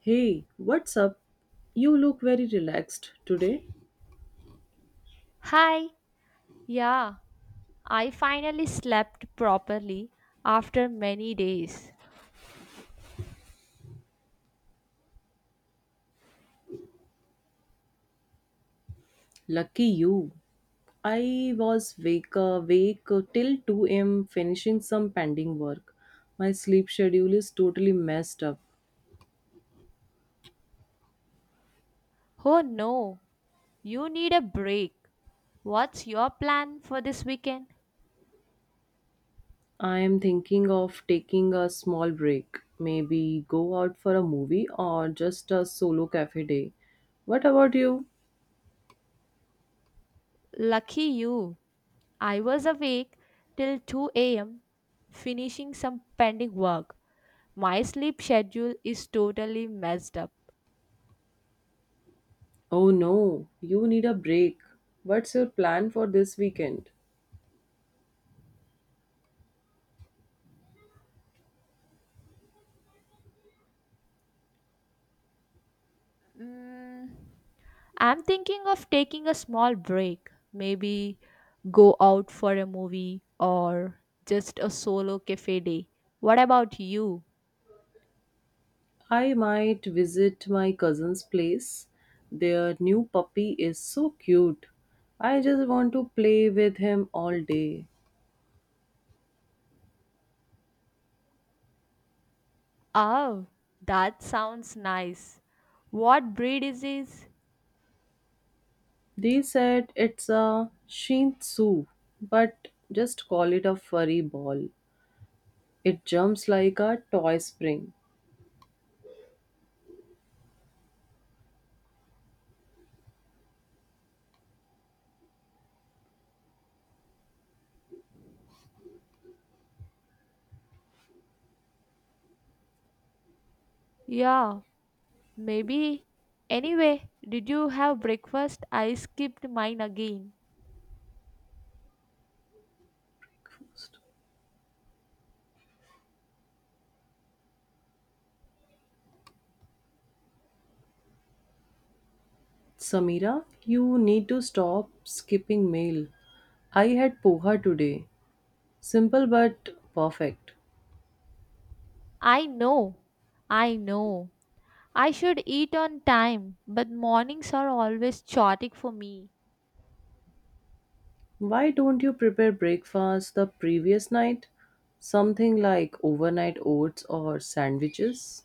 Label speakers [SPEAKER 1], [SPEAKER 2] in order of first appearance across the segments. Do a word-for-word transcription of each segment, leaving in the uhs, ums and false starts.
[SPEAKER 1] Hey, what's up? You look very relaxed today.
[SPEAKER 2] Hi, yeah, I finally slept properly after many days.
[SPEAKER 1] Lucky you. I was wake awake till two a m finishing some pending work. My sleep schedule is totally messed up.
[SPEAKER 2] Oh no, you need a break. What's your plan for this weekend?
[SPEAKER 1] I am thinking of taking a small break. Maybe go out for a movie or just a solo cafe day. What about you?
[SPEAKER 2] Lucky you, I was awake till two a m finishing some pending work. My sleep schedule is totally messed up.
[SPEAKER 1] Oh no, you need a break. What's your plan for this weekend?
[SPEAKER 2] Mm, I'm thinking of taking a small break, maybe go out for a movie or just a solo cafe day. What about you?
[SPEAKER 1] I might visit my cousin's place. Their new puppy is so cute. I just want to play with him all day.
[SPEAKER 2] Oh, that sounds nice. What breed is this?
[SPEAKER 1] They said it's a Shih Tzu, but just call it a furry ball. It jumps like a toy spring.
[SPEAKER 2] Yeah, maybe. Anyway, did you have breakfast? I skipped mine again.
[SPEAKER 1] Samira, you need to stop skipping mail. I had poha today. Simple but perfect.
[SPEAKER 2] I know. I know. I should eat on time, but mornings are always chaotic for me.
[SPEAKER 1] Why don't you prepare breakfast the previous night? Something like overnight oats or sandwiches?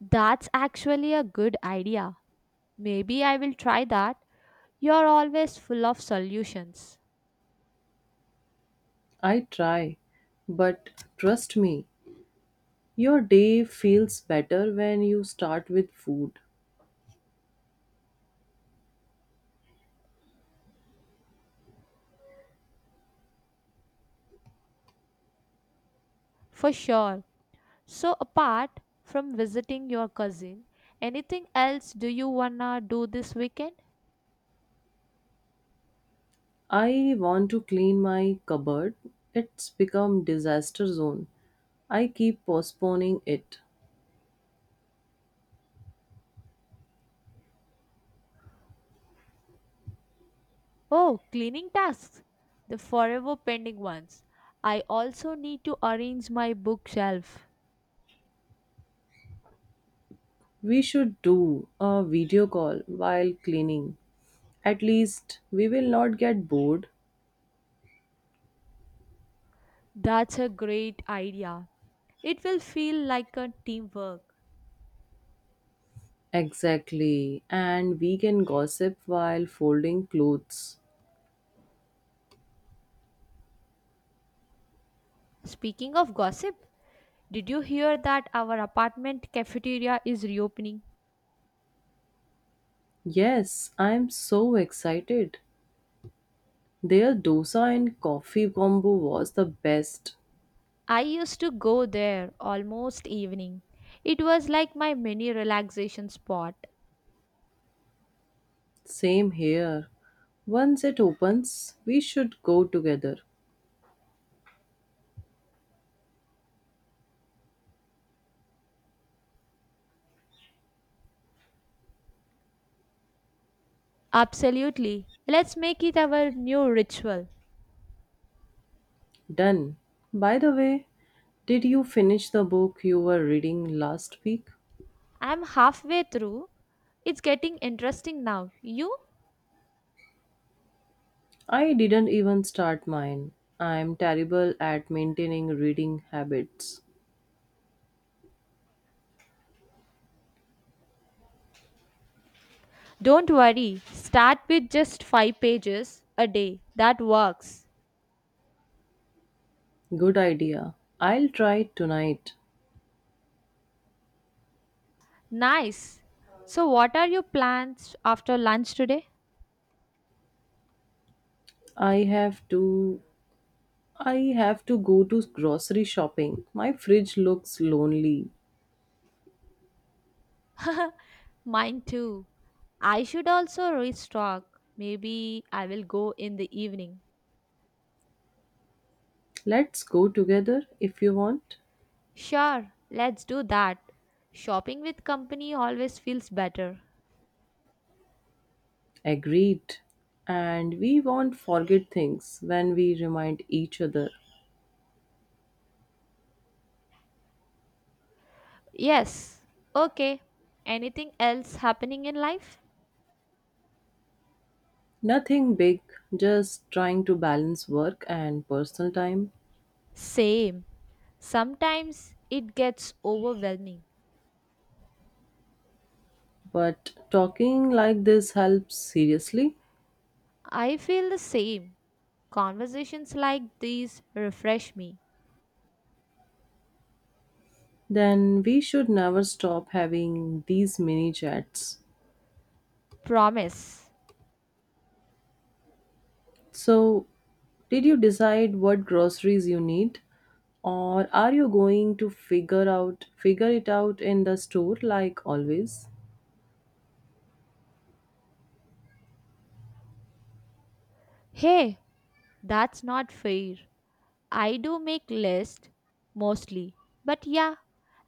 [SPEAKER 2] That's actually a good idea. Maybe I will try that. You're always full of solutions.
[SPEAKER 1] I try, but trust me, your day feels better when you start with food.
[SPEAKER 2] For sure. So, apart from visiting your cousin, anything else do you wanna do this weekend?
[SPEAKER 1] I want to clean my cupboard. It's become disaster zone. I keep postponing it.
[SPEAKER 2] Oh, cleaning tasks. The forever pending ones. I also need to arrange my bookshelf.
[SPEAKER 1] We should do a video call while cleaning. At least we will not get bored.
[SPEAKER 2] That's a great idea. It will feel like a teamwork.
[SPEAKER 1] Exactly. And we can gossip while folding clothes.
[SPEAKER 2] Speaking of gossip, did you hear that our apartment cafeteria is reopening?
[SPEAKER 1] Yes, I'm so excited. Their dosa and coffee combo was the best.
[SPEAKER 2] I used to go there almost evening. It was like my mini relaxation spot.
[SPEAKER 1] Same here. Once it opens, we should go together.
[SPEAKER 2] Absolutely. Let's make it our new ritual.
[SPEAKER 1] Done. By the way, did you finish the book you were reading last week?
[SPEAKER 2] I'm halfway through. It's getting interesting now. You?
[SPEAKER 1] I didn't even start mine. I'm terrible at maintaining reading habits.
[SPEAKER 2] Don't worry. Start with just five pages a day. That works.
[SPEAKER 1] Good idea. I'll try it tonight.
[SPEAKER 2] Nice. So, what are your plans after lunch today?
[SPEAKER 1] I have to I have to go to grocery shopping. My fridge looks lonely.
[SPEAKER 2] Mine too. I should also restock. Maybe I will go in the evening.
[SPEAKER 1] Let's go together if you want.
[SPEAKER 2] Sure, let's do that. Shopping with company always feels better.
[SPEAKER 1] Agreed. And we won't forget things when we remind each other.
[SPEAKER 2] Yes. Okay. Anything else happening in life?
[SPEAKER 1] Nothing big, just trying to balance work and personal time.
[SPEAKER 2] Same. Sometimes it gets overwhelming.
[SPEAKER 1] But talking like this helps seriously.
[SPEAKER 2] I feel the same. Conversations like these refresh me.
[SPEAKER 1] Then we should never stop having these mini chats.
[SPEAKER 2] Promise.
[SPEAKER 1] So, did you decide what groceries you need or are you going to figure out figure it out in the store like always?
[SPEAKER 2] Hey, that's not fair. I do make list mostly. But yeah,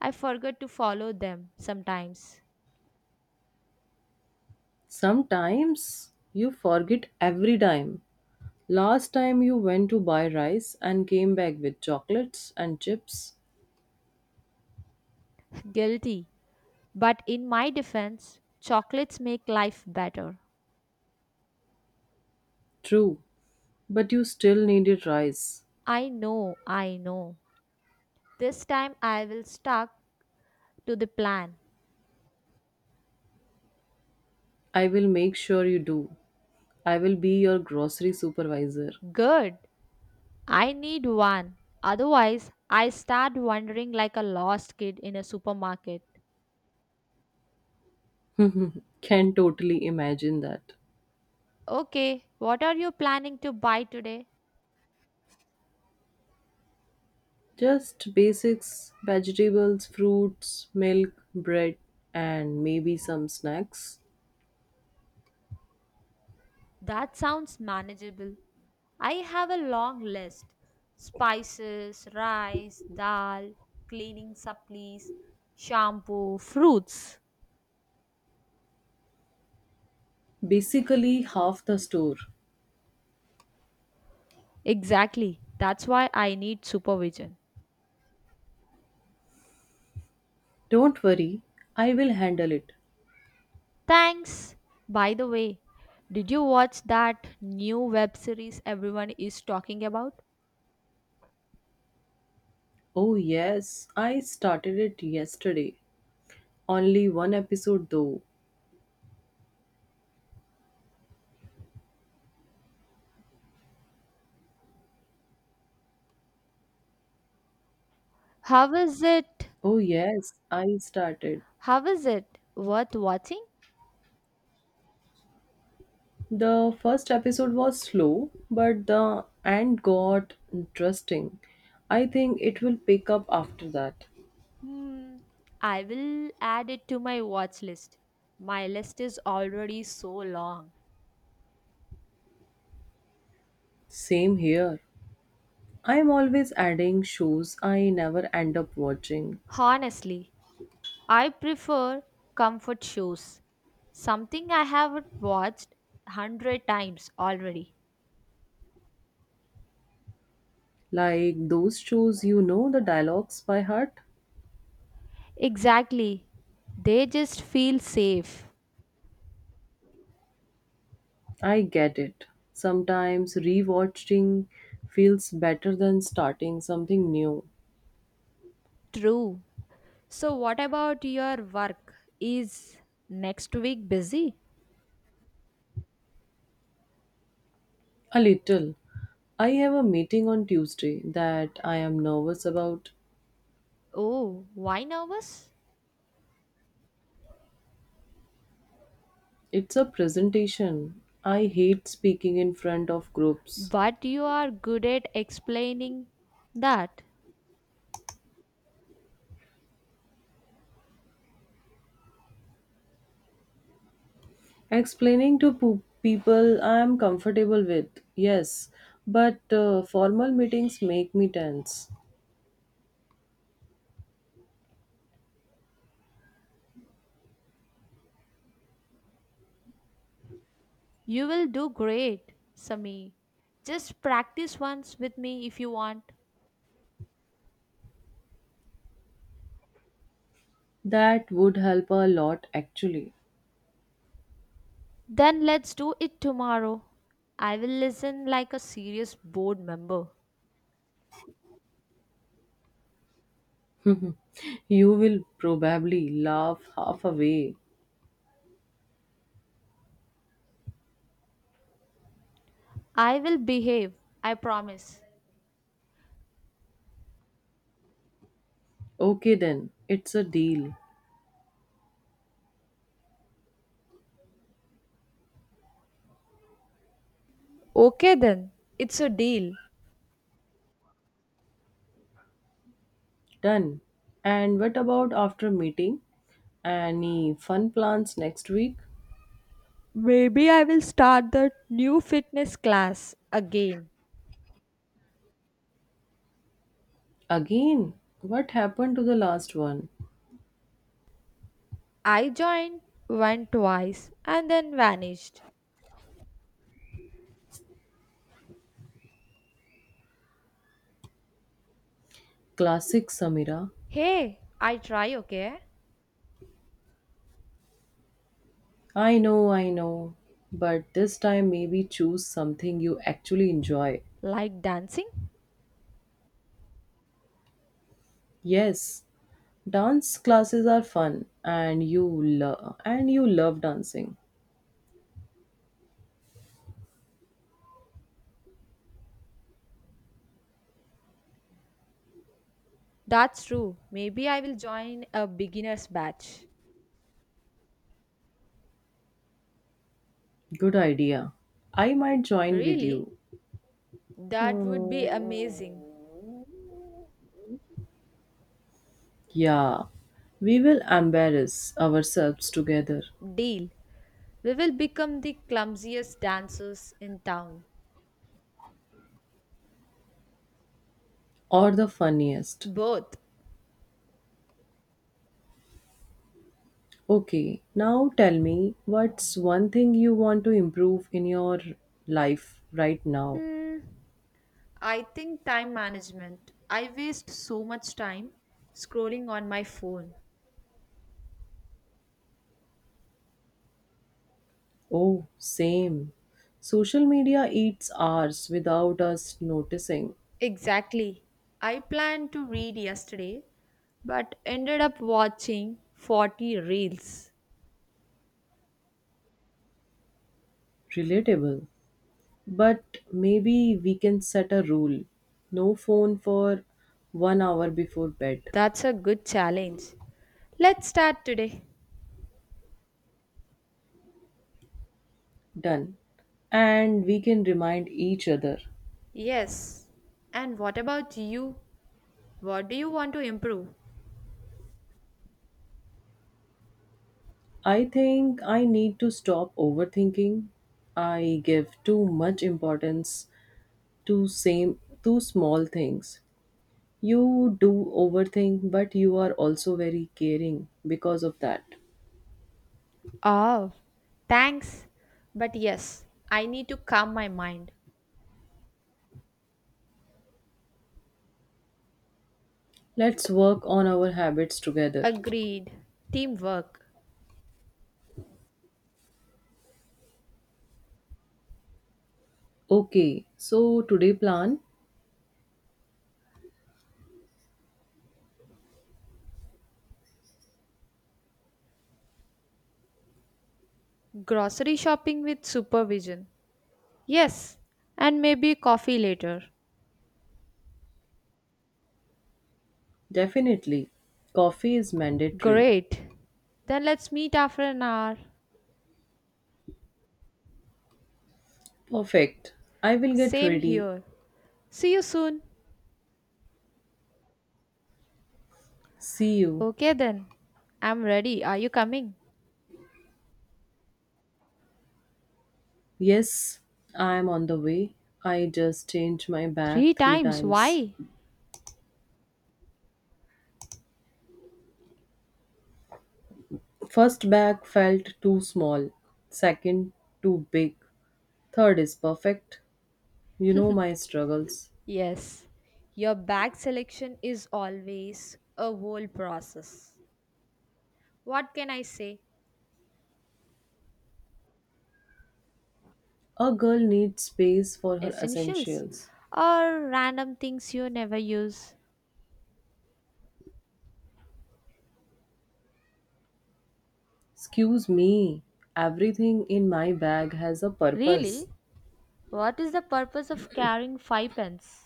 [SPEAKER 2] I forget to follow them sometimes.
[SPEAKER 1] Sometimes you forget every time. Last time you went to buy rice and came back with chocolates and chips.
[SPEAKER 2] Guilty. But in my defense, chocolates make life better.
[SPEAKER 1] True, but you still needed rice.
[SPEAKER 2] I know, I know. This time I will stuck to the plan.
[SPEAKER 1] I will make sure you do. I will be your grocery supervisor.
[SPEAKER 2] Good. I need one. Otherwise, I start wandering like a lost kid in a supermarket.
[SPEAKER 1] Can totally imagine that.
[SPEAKER 2] Okay, what are you planning to buy today?
[SPEAKER 1] Just basics vegetables, fruits, milk, bread, and maybe some snacks.
[SPEAKER 2] That sounds manageable. I have a long list: spices, rice, dal, cleaning supplies, shampoo, fruits.
[SPEAKER 1] Basically, half the store.
[SPEAKER 2] Exactly. That's why I need supervision.
[SPEAKER 1] Don't worry, I will handle it.
[SPEAKER 2] Thanks. By the way, did you watch that new web series everyone is talking about?
[SPEAKER 1] Oh, yes, I started it yesterday. Only one episode though.
[SPEAKER 2] How is it?
[SPEAKER 1] Oh, yes, I started.
[SPEAKER 2] How is it worth watching?
[SPEAKER 1] The first episode was slow, but the end got interesting. I think it will pick up after that.
[SPEAKER 2] Hmm. I will add it to my watch list. My list is already so long.
[SPEAKER 1] Same here. I'm always adding shows I never end up watching.
[SPEAKER 2] Honestly, I prefer comfort shows. Something I have watched hundred times already.
[SPEAKER 1] Like those shows, you know the dialogues by heart?
[SPEAKER 2] Exactly. They just feel safe.
[SPEAKER 1] I get it. Sometimes rewatching feels better than starting something new.
[SPEAKER 2] True. So, what about your work? Is next week busy?
[SPEAKER 1] A little. I have a meeting on Tuesday that I am nervous about.
[SPEAKER 2] Oh, why nervous?
[SPEAKER 1] It's a presentation. I hate speaking in front of groups.
[SPEAKER 2] But you are good at explaining that.
[SPEAKER 1] Explaining to po- people I am comfortable with, yes, but uh, formal meetings make me tense.
[SPEAKER 2] You will do great, Sami. Just practice once with me if you want.
[SPEAKER 1] That would help a lot actually.
[SPEAKER 2] Then let's do it tomorrow. I will listen like a serious board member.
[SPEAKER 1] you will probably laugh half away.
[SPEAKER 2] I will behave, I promise.
[SPEAKER 1] Okay, then, it's a deal.
[SPEAKER 2] Okay, then. It's a deal.
[SPEAKER 1] Done. And what about after meeting? Any fun plans next week?
[SPEAKER 2] Maybe I will start the new fitness class again.
[SPEAKER 1] Again, what happened to the last one?
[SPEAKER 2] I joined, went twice, and then vanished.
[SPEAKER 1] Classic Samira.
[SPEAKER 2] Hey, I try, okay?
[SPEAKER 1] I know, I know. But this time, maybe choose something you actually enjoy.
[SPEAKER 2] Like dancing?
[SPEAKER 1] Yes, dance classes are fun, and you love and you love dancing.
[SPEAKER 2] That's true. Maybe I will join a beginner's batch.
[SPEAKER 1] Good idea. I might join with
[SPEAKER 2] Really?
[SPEAKER 1] you.
[SPEAKER 2] That would be amazing.
[SPEAKER 1] Yeah, we will embarrass ourselves together,
[SPEAKER 2] Deal. We will become the clumsiest dancers in town.
[SPEAKER 1] or the funniest.
[SPEAKER 2] Both.
[SPEAKER 1] Okay, now tell me what's one thing you want to improve in your life right now?
[SPEAKER 2] Hmm, I think time management. I waste so much time scrolling on my phone.
[SPEAKER 1] Oh, same. Social media eats hours without us noticing.
[SPEAKER 2] Exactly. I planned to read yesterday but ended up watching forty reels.
[SPEAKER 1] Relatable. But maybe we can set a rule no phone for one hour before bed.
[SPEAKER 2] That's a good challenge. Let's start today.
[SPEAKER 1] Done. And we can remind each other.
[SPEAKER 2] Yes. And what about you? What do you want to improve?
[SPEAKER 1] I think I need to stop overthinking. I give too much importance to same to small things. You do overthink but you are also very caring because of that.
[SPEAKER 2] Oh, thanks. But yes, I need to calm my mind.
[SPEAKER 1] Let's work on our habits together.
[SPEAKER 2] Agreed. Teamwork.
[SPEAKER 1] Okay, so today plan?
[SPEAKER 2] Grocery shopping with supervision. Yes. And maybe coffee later.
[SPEAKER 1] Definitely. Coffee is mandatory.
[SPEAKER 2] Great. Then let's meet after an hour.
[SPEAKER 1] Perfect. I will get
[SPEAKER 2] Same
[SPEAKER 1] ready.
[SPEAKER 2] here. See you soon.
[SPEAKER 1] See you.
[SPEAKER 2] Okay then. I'm ready. Are you coming?
[SPEAKER 1] Yes, I am on the way. I just changed my bag
[SPEAKER 2] Three
[SPEAKER 1] three
[SPEAKER 2] times.
[SPEAKER 1] times.
[SPEAKER 2] Why?
[SPEAKER 1] First bag felt too small, second, too big, third is perfect. You know my struggles.
[SPEAKER 2] Yes. Your bag selection is always a whole process. What can I say?
[SPEAKER 1] A girl needs space for her
[SPEAKER 2] Essentials
[SPEAKER 1] essentials.
[SPEAKER 2] or random things you never use?
[SPEAKER 1] Excuse me, everything in my bag has a purpose.
[SPEAKER 2] Really? What is the purpose of carrying five pence?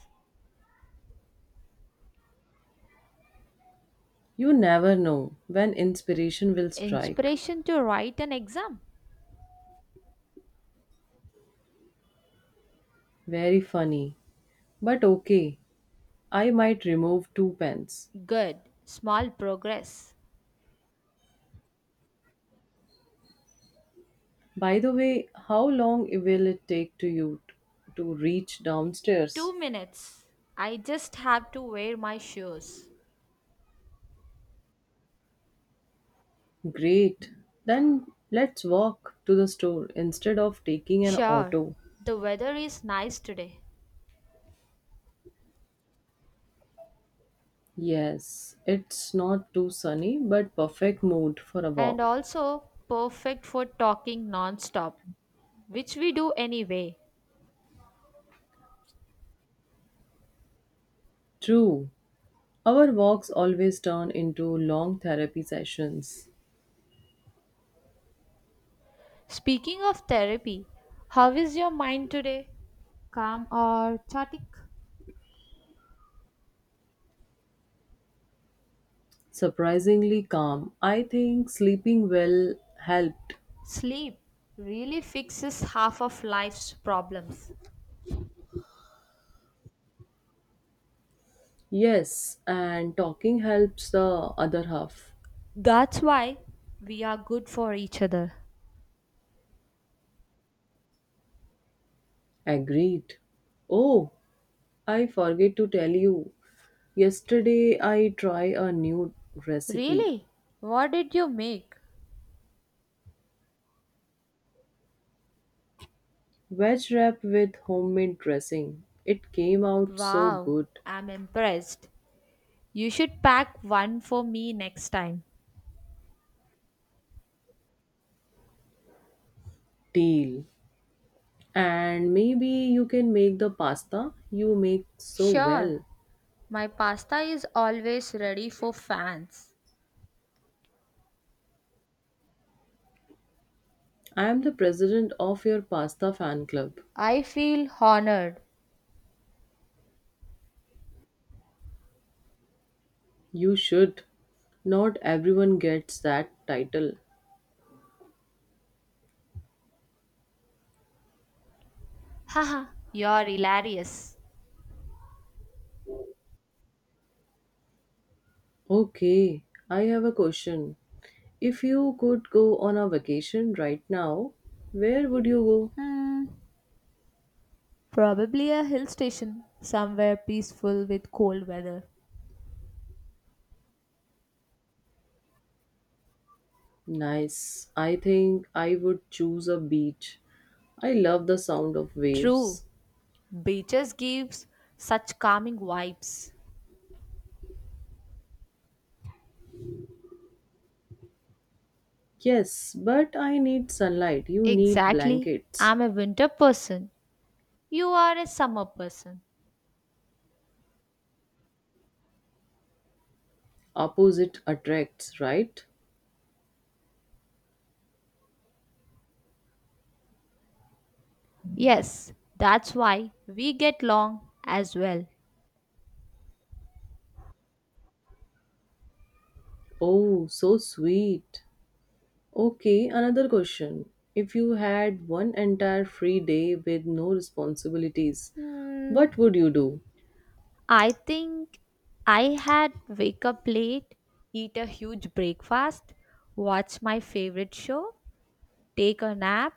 [SPEAKER 1] You never know when inspiration will strike.
[SPEAKER 2] Inspiration to write an exam?
[SPEAKER 1] Very funny. But okay, I might remove two pens.
[SPEAKER 2] Good. Small progress.
[SPEAKER 1] By the way, how long will it take to you t- to reach downstairs?
[SPEAKER 2] Two minutes. I just have to wear my shoes.
[SPEAKER 1] Great. Then let's walk to the store instead of taking an
[SPEAKER 2] Sure,
[SPEAKER 1] auto.
[SPEAKER 2] the weather is nice today
[SPEAKER 1] Yes, it's not too sunny, but perfect mood for a
[SPEAKER 2] and
[SPEAKER 1] walk.
[SPEAKER 2] also perfect for talking non-stop, which we do anyway.
[SPEAKER 1] True. Our walks always turn into long therapy sessions.
[SPEAKER 2] Speaking of therapy, how is your mind today? Calm or chaotic?
[SPEAKER 1] Surprisingly calm. I think sleeping well helped.
[SPEAKER 2] Sleep really fixes half of life's problems.
[SPEAKER 1] Yes, and talking helps the other half.
[SPEAKER 2] That's why we are good for each other.
[SPEAKER 1] Agreed. Oh, I forget to tell you. Yesterday I tried a new recipe.
[SPEAKER 2] Really? What did you make?
[SPEAKER 1] Veg wrap with homemade dressing. It came out so
[SPEAKER 2] Wow,
[SPEAKER 1] good.
[SPEAKER 2] I'm impressed. You should pack one for me next time.
[SPEAKER 1] Deal. And maybe you can make the pasta you make so well.
[SPEAKER 2] Sure, my pasta is always ready for fans.
[SPEAKER 1] I am the president of your pasta fan club.
[SPEAKER 2] I feel honored.
[SPEAKER 1] You should. Not everyone gets that title.
[SPEAKER 2] Haha, you're hilarious.
[SPEAKER 1] Okay, I have a question. If you could go on a vacation right now, where would you go?
[SPEAKER 2] Hmm, probably a hill station, somewhere peaceful with cold weather.
[SPEAKER 1] Nice. I think I would choose a beach. I love the sound of
[SPEAKER 2] True,
[SPEAKER 1] waves.
[SPEAKER 2] beaches gives such calming vibes.
[SPEAKER 1] Yes, but I need sunlight. You need
[SPEAKER 2] Exactly.
[SPEAKER 1] blankets.
[SPEAKER 2] I'm a winter person. You are a summer person.
[SPEAKER 1] Opposite attracts, right?
[SPEAKER 2] Yes, that's why we get along as well.
[SPEAKER 1] Oh, so sweet. Okay, another question. If you had one entire free day with no responsibilities,
[SPEAKER 2] Hmm,
[SPEAKER 1] what would you do?
[SPEAKER 2] I think I had wake up late, eat a huge breakfast, watch my favorite show, take a nap,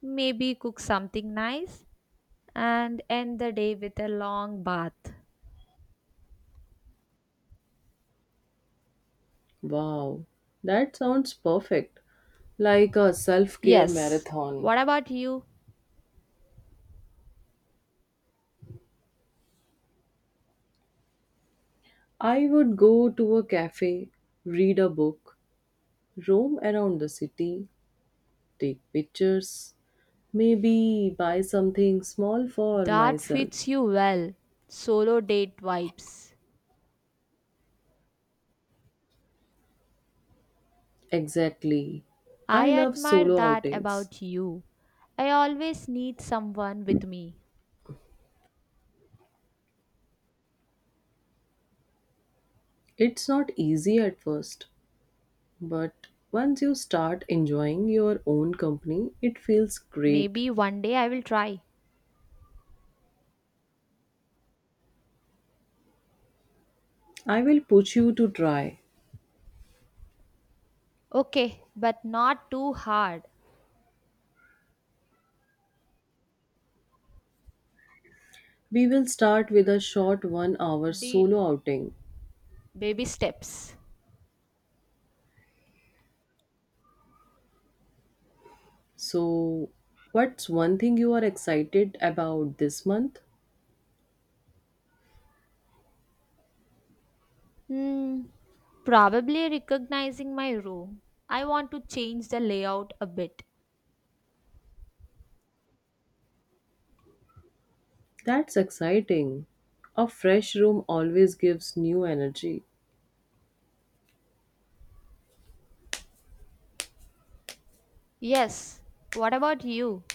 [SPEAKER 2] maybe cook something nice, and end the day with a long bath.
[SPEAKER 1] Wow, that sounds perfect. Like a self care
[SPEAKER 2] Yes,
[SPEAKER 1] marathon.
[SPEAKER 2] what about you?
[SPEAKER 1] I would go to a cafe, read a book, roam around the city, take pictures, maybe buy something small for
[SPEAKER 2] That
[SPEAKER 1] myself.
[SPEAKER 2] fits you well. Solo date vibes.
[SPEAKER 1] Exactly.
[SPEAKER 2] I
[SPEAKER 1] I love
[SPEAKER 2] admire
[SPEAKER 1] solo
[SPEAKER 2] that
[SPEAKER 1] outings.
[SPEAKER 2] about you. I always need someone with me.
[SPEAKER 1] It's not easy at first. But once you start enjoying your own company, it feels great.
[SPEAKER 2] Maybe one day I will try.
[SPEAKER 1] I will push you to try.
[SPEAKER 2] Okay, but not too hard.
[SPEAKER 1] We will start with a short one hour
[SPEAKER 2] Deal.
[SPEAKER 1] solo outing.
[SPEAKER 2] Baby steps.
[SPEAKER 1] So, what's one thing you are excited about this month?
[SPEAKER 2] Hmm, probably recognizing my room. I want to change the layout a bit.
[SPEAKER 1] That's exciting. A fresh room always gives new energy.
[SPEAKER 2] Yes, what about you?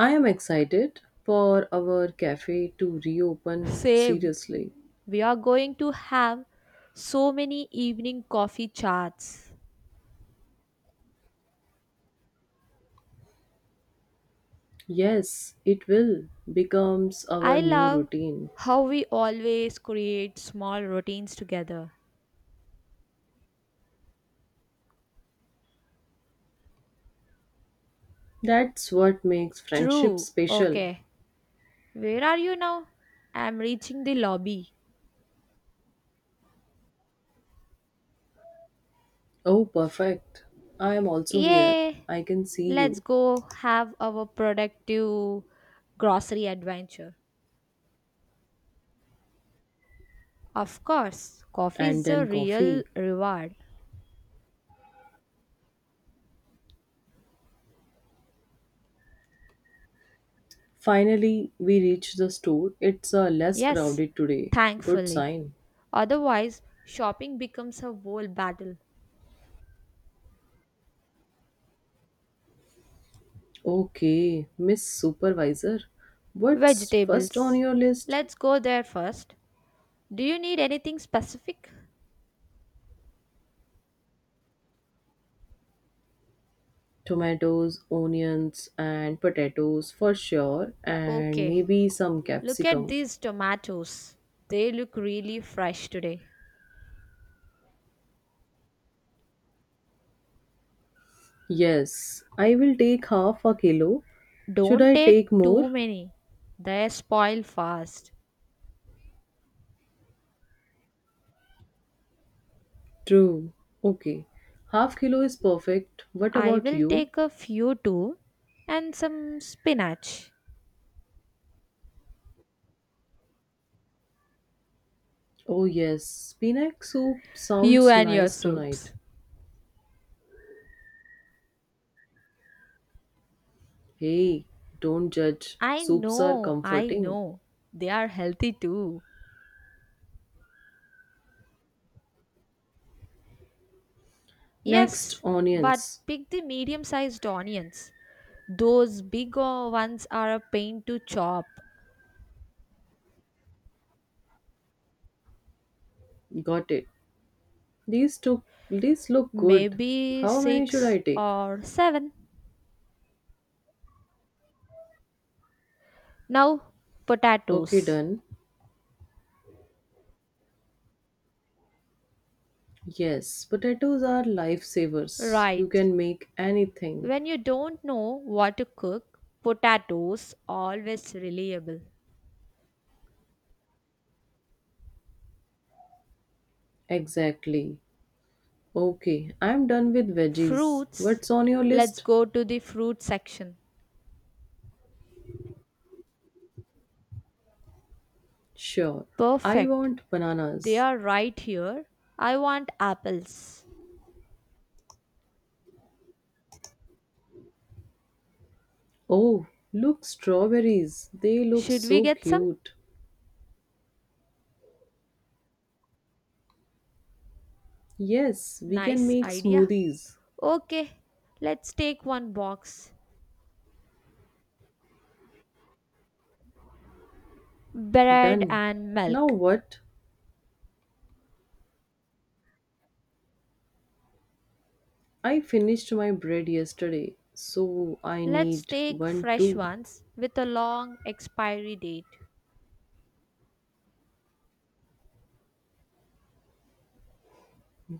[SPEAKER 1] I am excited for our cafe to reopen
[SPEAKER 2] Same.
[SPEAKER 1] seriously.
[SPEAKER 2] We are going to have so many evening coffee chats.
[SPEAKER 1] Yes, it will becomes our
[SPEAKER 2] I
[SPEAKER 1] new
[SPEAKER 2] love
[SPEAKER 1] routine.
[SPEAKER 2] how we always create small routines together.
[SPEAKER 1] That's what makes friendship
[SPEAKER 2] True.
[SPEAKER 1] special.
[SPEAKER 2] Okay. Where are you now? I'm reaching the lobby.
[SPEAKER 1] Oh, perfect. I am also here.
[SPEAKER 2] Yay!
[SPEAKER 1] I can see
[SPEAKER 2] Let's
[SPEAKER 1] you.
[SPEAKER 2] go have our productive grocery adventure. Of course, coffee
[SPEAKER 1] And
[SPEAKER 2] is the
[SPEAKER 1] then coffee.
[SPEAKER 2] real reward.
[SPEAKER 1] Finally, we reach the store. It's uh, less
[SPEAKER 2] Yes,
[SPEAKER 1] crowded today. Good
[SPEAKER 2] thankfully.
[SPEAKER 1] sign.
[SPEAKER 2] Otherwise, shopping becomes a whole battle.
[SPEAKER 1] Okay, Miss Supervisor, what's first on
[SPEAKER 2] Vegetables.
[SPEAKER 1] your list?
[SPEAKER 2] Let's go there first. Do you need anything specific?
[SPEAKER 1] Tomatoes, onions, and potatoes for sure, and
[SPEAKER 2] Okay,
[SPEAKER 1] maybe some
[SPEAKER 2] look at
[SPEAKER 1] capsicum.
[SPEAKER 2] these tomatoes. They look really fresh today.
[SPEAKER 1] Yes, I will take half a kilo. Should
[SPEAKER 2] Don't
[SPEAKER 1] I
[SPEAKER 2] take
[SPEAKER 1] take more?
[SPEAKER 2] too many, they spoil fast.
[SPEAKER 1] True. Okay. Half kilo is perfect. What
[SPEAKER 2] I
[SPEAKER 1] about
[SPEAKER 2] will
[SPEAKER 1] you?
[SPEAKER 2] take a few too and some spinach.
[SPEAKER 1] Oh, yes. Spinach soup
[SPEAKER 2] You
[SPEAKER 1] sounds
[SPEAKER 2] and your
[SPEAKER 1] nice tonight.
[SPEAKER 2] soups.
[SPEAKER 1] Hey, don't judge.
[SPEAKER 2] I
[SPEAKER 1] Soups are
[SPEAKER 2] know, I
[SPEAKER 1] comforting.
[SPEAKER 2] know. They are healthy too.
[SPEAKER 1] Next,
[SPEAKER 2] Yes, but
[SPEAKER 1] onions.
[SPEAKER 2] pick the medium sized onions. Those big o- ones are a pain to chop.
[SPEAKER 1] Got it. These took these look good.
[SPEAKER 2] Maybe
[SPEAKER 1] How many should I
[SPEAKER 2] six
[SPEAKER 1] take?
[SPEAKER 2] or seven. Now,
[SPEAKER 1] Okay,
[SPEAKER 2] potatoes.
[SPEAKER 1] done. Yes, potatoes are lifesavers. You
[SPEAKER 2] Right.
[SPEAKER 1] can make anything.
[SPEAKER 2] When you don't know what to cook, potatoes always reliable.
[SPEAKER 1] Exactly. Okay, I'm done with veggies.
[SPEAKER 2] Fruits,
[SPEAKER 1] What's on your
[SPEAKER 2] let's
[SPEAKER 1] list?
[SPEAKER 2] go to the fruit section.
[SPEAKER 1] Sure. I
[SPEAKER 2] Perfect.
[SPEAKER 1] want
[SPEAKER 2] They
[SPEAKER 1] bananas.
[SPEAKER 2] are right here. I want apples.
[SPEAKER 1] Oh, look, strawberries. They look
[SPEAKER 2] Should we
[SPEAKER 1] so
[SPEAKER 2] get some?
[SPEAKER 1] cute. Yes, we can
[SPEAKER 2] Nice
[SPEAKER 1] make
[SPEAKER 2] idea.
[SPEAKER 1] smoothies.
[SPEAKER 2] Okay, let's take one box. Bread
[SPEAKER 1] Done.
[SPEAKER 2] and
[SPEAKER 1] Now
[SPEAKER 2] milk.
[SPEAKER 1] what? I finished my bread yesterday, so I
[SPEAKER 2] Let's
[SPEAKER 1] need
[SPEAKER 2] take
[SPEAKER 1] one
[SPEAKER 2] fresh
[SPEAKER 1] too.
[SPEAKER 2] ones with a long expiry date.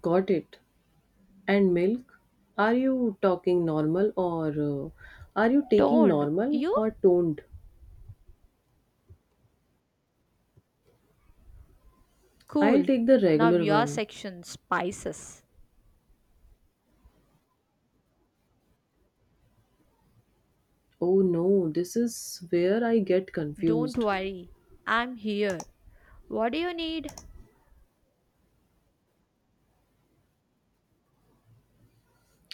[SPEAKER 1] Got it. And milk? Are you talking normal or uh, are you taking
[SPEAKER 2] Toned,
[SPEAKER 1] normal
[SPEAKER 2] you?
[SPEAKER 1] or toned? I'll
[SPEAKER 2] Cool.
[SPEAKER 1] take the
[SPEAKER 2] Now
[SPEAKER 1] regular
[SPEAKER 2] your
[SPEAKER 1] one.
[SPEAKER 2] section spices.
[SPEAKER 1] Oh no, this is where I get
[SPEAKER 2] Don't
[SPEAKER 1] confused.
[SPEAKER 2] worry, I'm here. What do you need?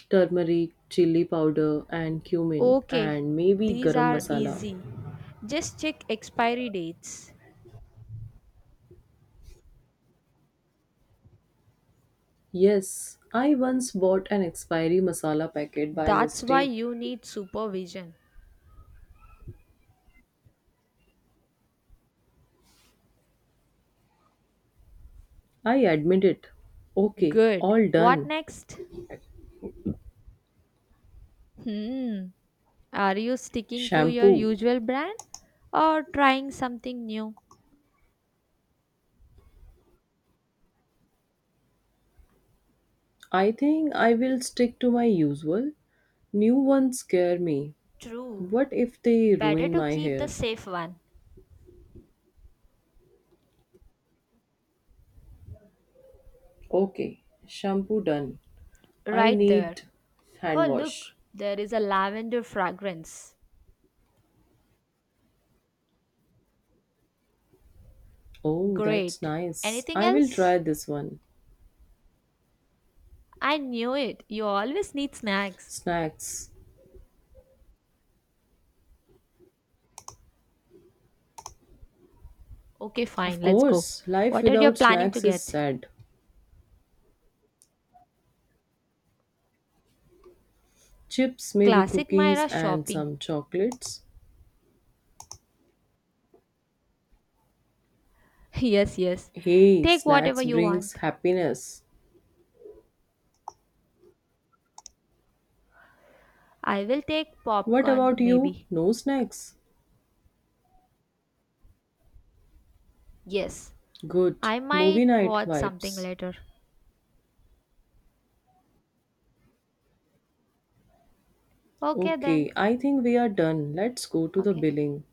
[SPEAKER 1] Turmeric, chili powder, and cumin,
[SPEAKER 2] Okay,
[SPEAKER 1] and maybe
[SPEAKER 2] these
[SPEAKER 1] garam
[SPEAKER 2] are
[SPEAKER 1] masala.
[SPEAKER 2] easy. Just check expiry dates.
[SPEAKER 1] Yes, I once bought an expiry masala packet by
[SPEAKER 2] That's why
[SPEAKER 1] mistake.
[SPEAKER 2] you need supervision.
[SPEAKER 1] I admit it. Okay,
[SPEAKER 2] Good.
[SPEAKER 1] all
[SPEAKER 2] What
[SPEAKER 1] done.
[SPEAKER 2] next? Hmm. Are you sticking to your
[SPEAKER 1] Shampoo.
[SPEAKER 2] usual brand or trying something new?
[SPEAKER 1] I think I will stick to my usual. New ones scare me.
[SPEAKER 2] True.
[SPEAKER 1] What if they
[SPEAKER 2] Better
[SPEAKER 1] ruin
[SPEAKER 2] to
[SPEAKER 1] my
[SPEAKER 2] keep the
[SPEAKER 1] hair?
[SPEAKER 2] safe one.
[SPEAKER 1] Okay, shampoo done. I
[SPEAKER 2] Right there.
[SPEAKER 1] need
[SPEAKER 2] Oh,
[SPEAKER 1] hand wash.
[SPEAKER 2] look, there is a lavender fragrance.
[SPEAKER 1] Oh, that's
[SPEAKER 2] Great.
[SPEAKER 1] nice.
[SPEAKER 2] Anything
[SPEAKER 1] I will try
[SPEAKER 2] else?
[SPEAKER 1] this one.
[SPEAKER 2] I knew it. You always need snacks.
[SPEAKER 1] Snacks.
[SPEAKER 2] Okay, fine,
[SPEAKER 1] Of
[SPEAKER 2] let's go.
[SPEAKER 1] course, life
[SPEAKER 2] What are you
[SPEAKER 1] without
[SPEAKER 2] planning to
[SPEAKER 1] snacks is
[SPEAKER 2] get?
[SPEAKER 1] sad. Chips, maybe
[SPEAKER 2] Classic
[SPEAKER 1] cookies
[SPEAKER 2] Myra
[SPEAKER 1] and
[SPEAKER 2] shopping.
[SPEAKER 1] some chocolates.
[SPEAKER 2] Yes, yes.
[SPEAKER 1] Hey,
[SPEAKER 2] Take whatever
[SPEAKER 1] snacks
[SPEAKER 2] you
[SPEAKER 1] brings
[SPEAKER 2] want.
[SPEAKER 1] happiness.
[SPEAKER 2] I will take
[SPEAKER 1] What
[SPEAKER 2] popcorn,
[SPEAKER 1] about you?
[SPEAKER 2] maybe.
[SPEAKER 1] No snacks?
[SPEAKER 2] Yes,
[SPEAKER 1] Good.
[SPEAKER 2] I might
[SPEAKER 1] Movie night
[SPEAKER 2] watch something
[SPEAKER 1] vibes.
[SPEAKER 2] later. Okay,
[SPEAKER 1] Okay,
[SPEAKER 2] then.
[SPEAKER 1] I think we are done. Let's go to the
[SPEAKER 2] Okay.
[SPEAKER 1] billing.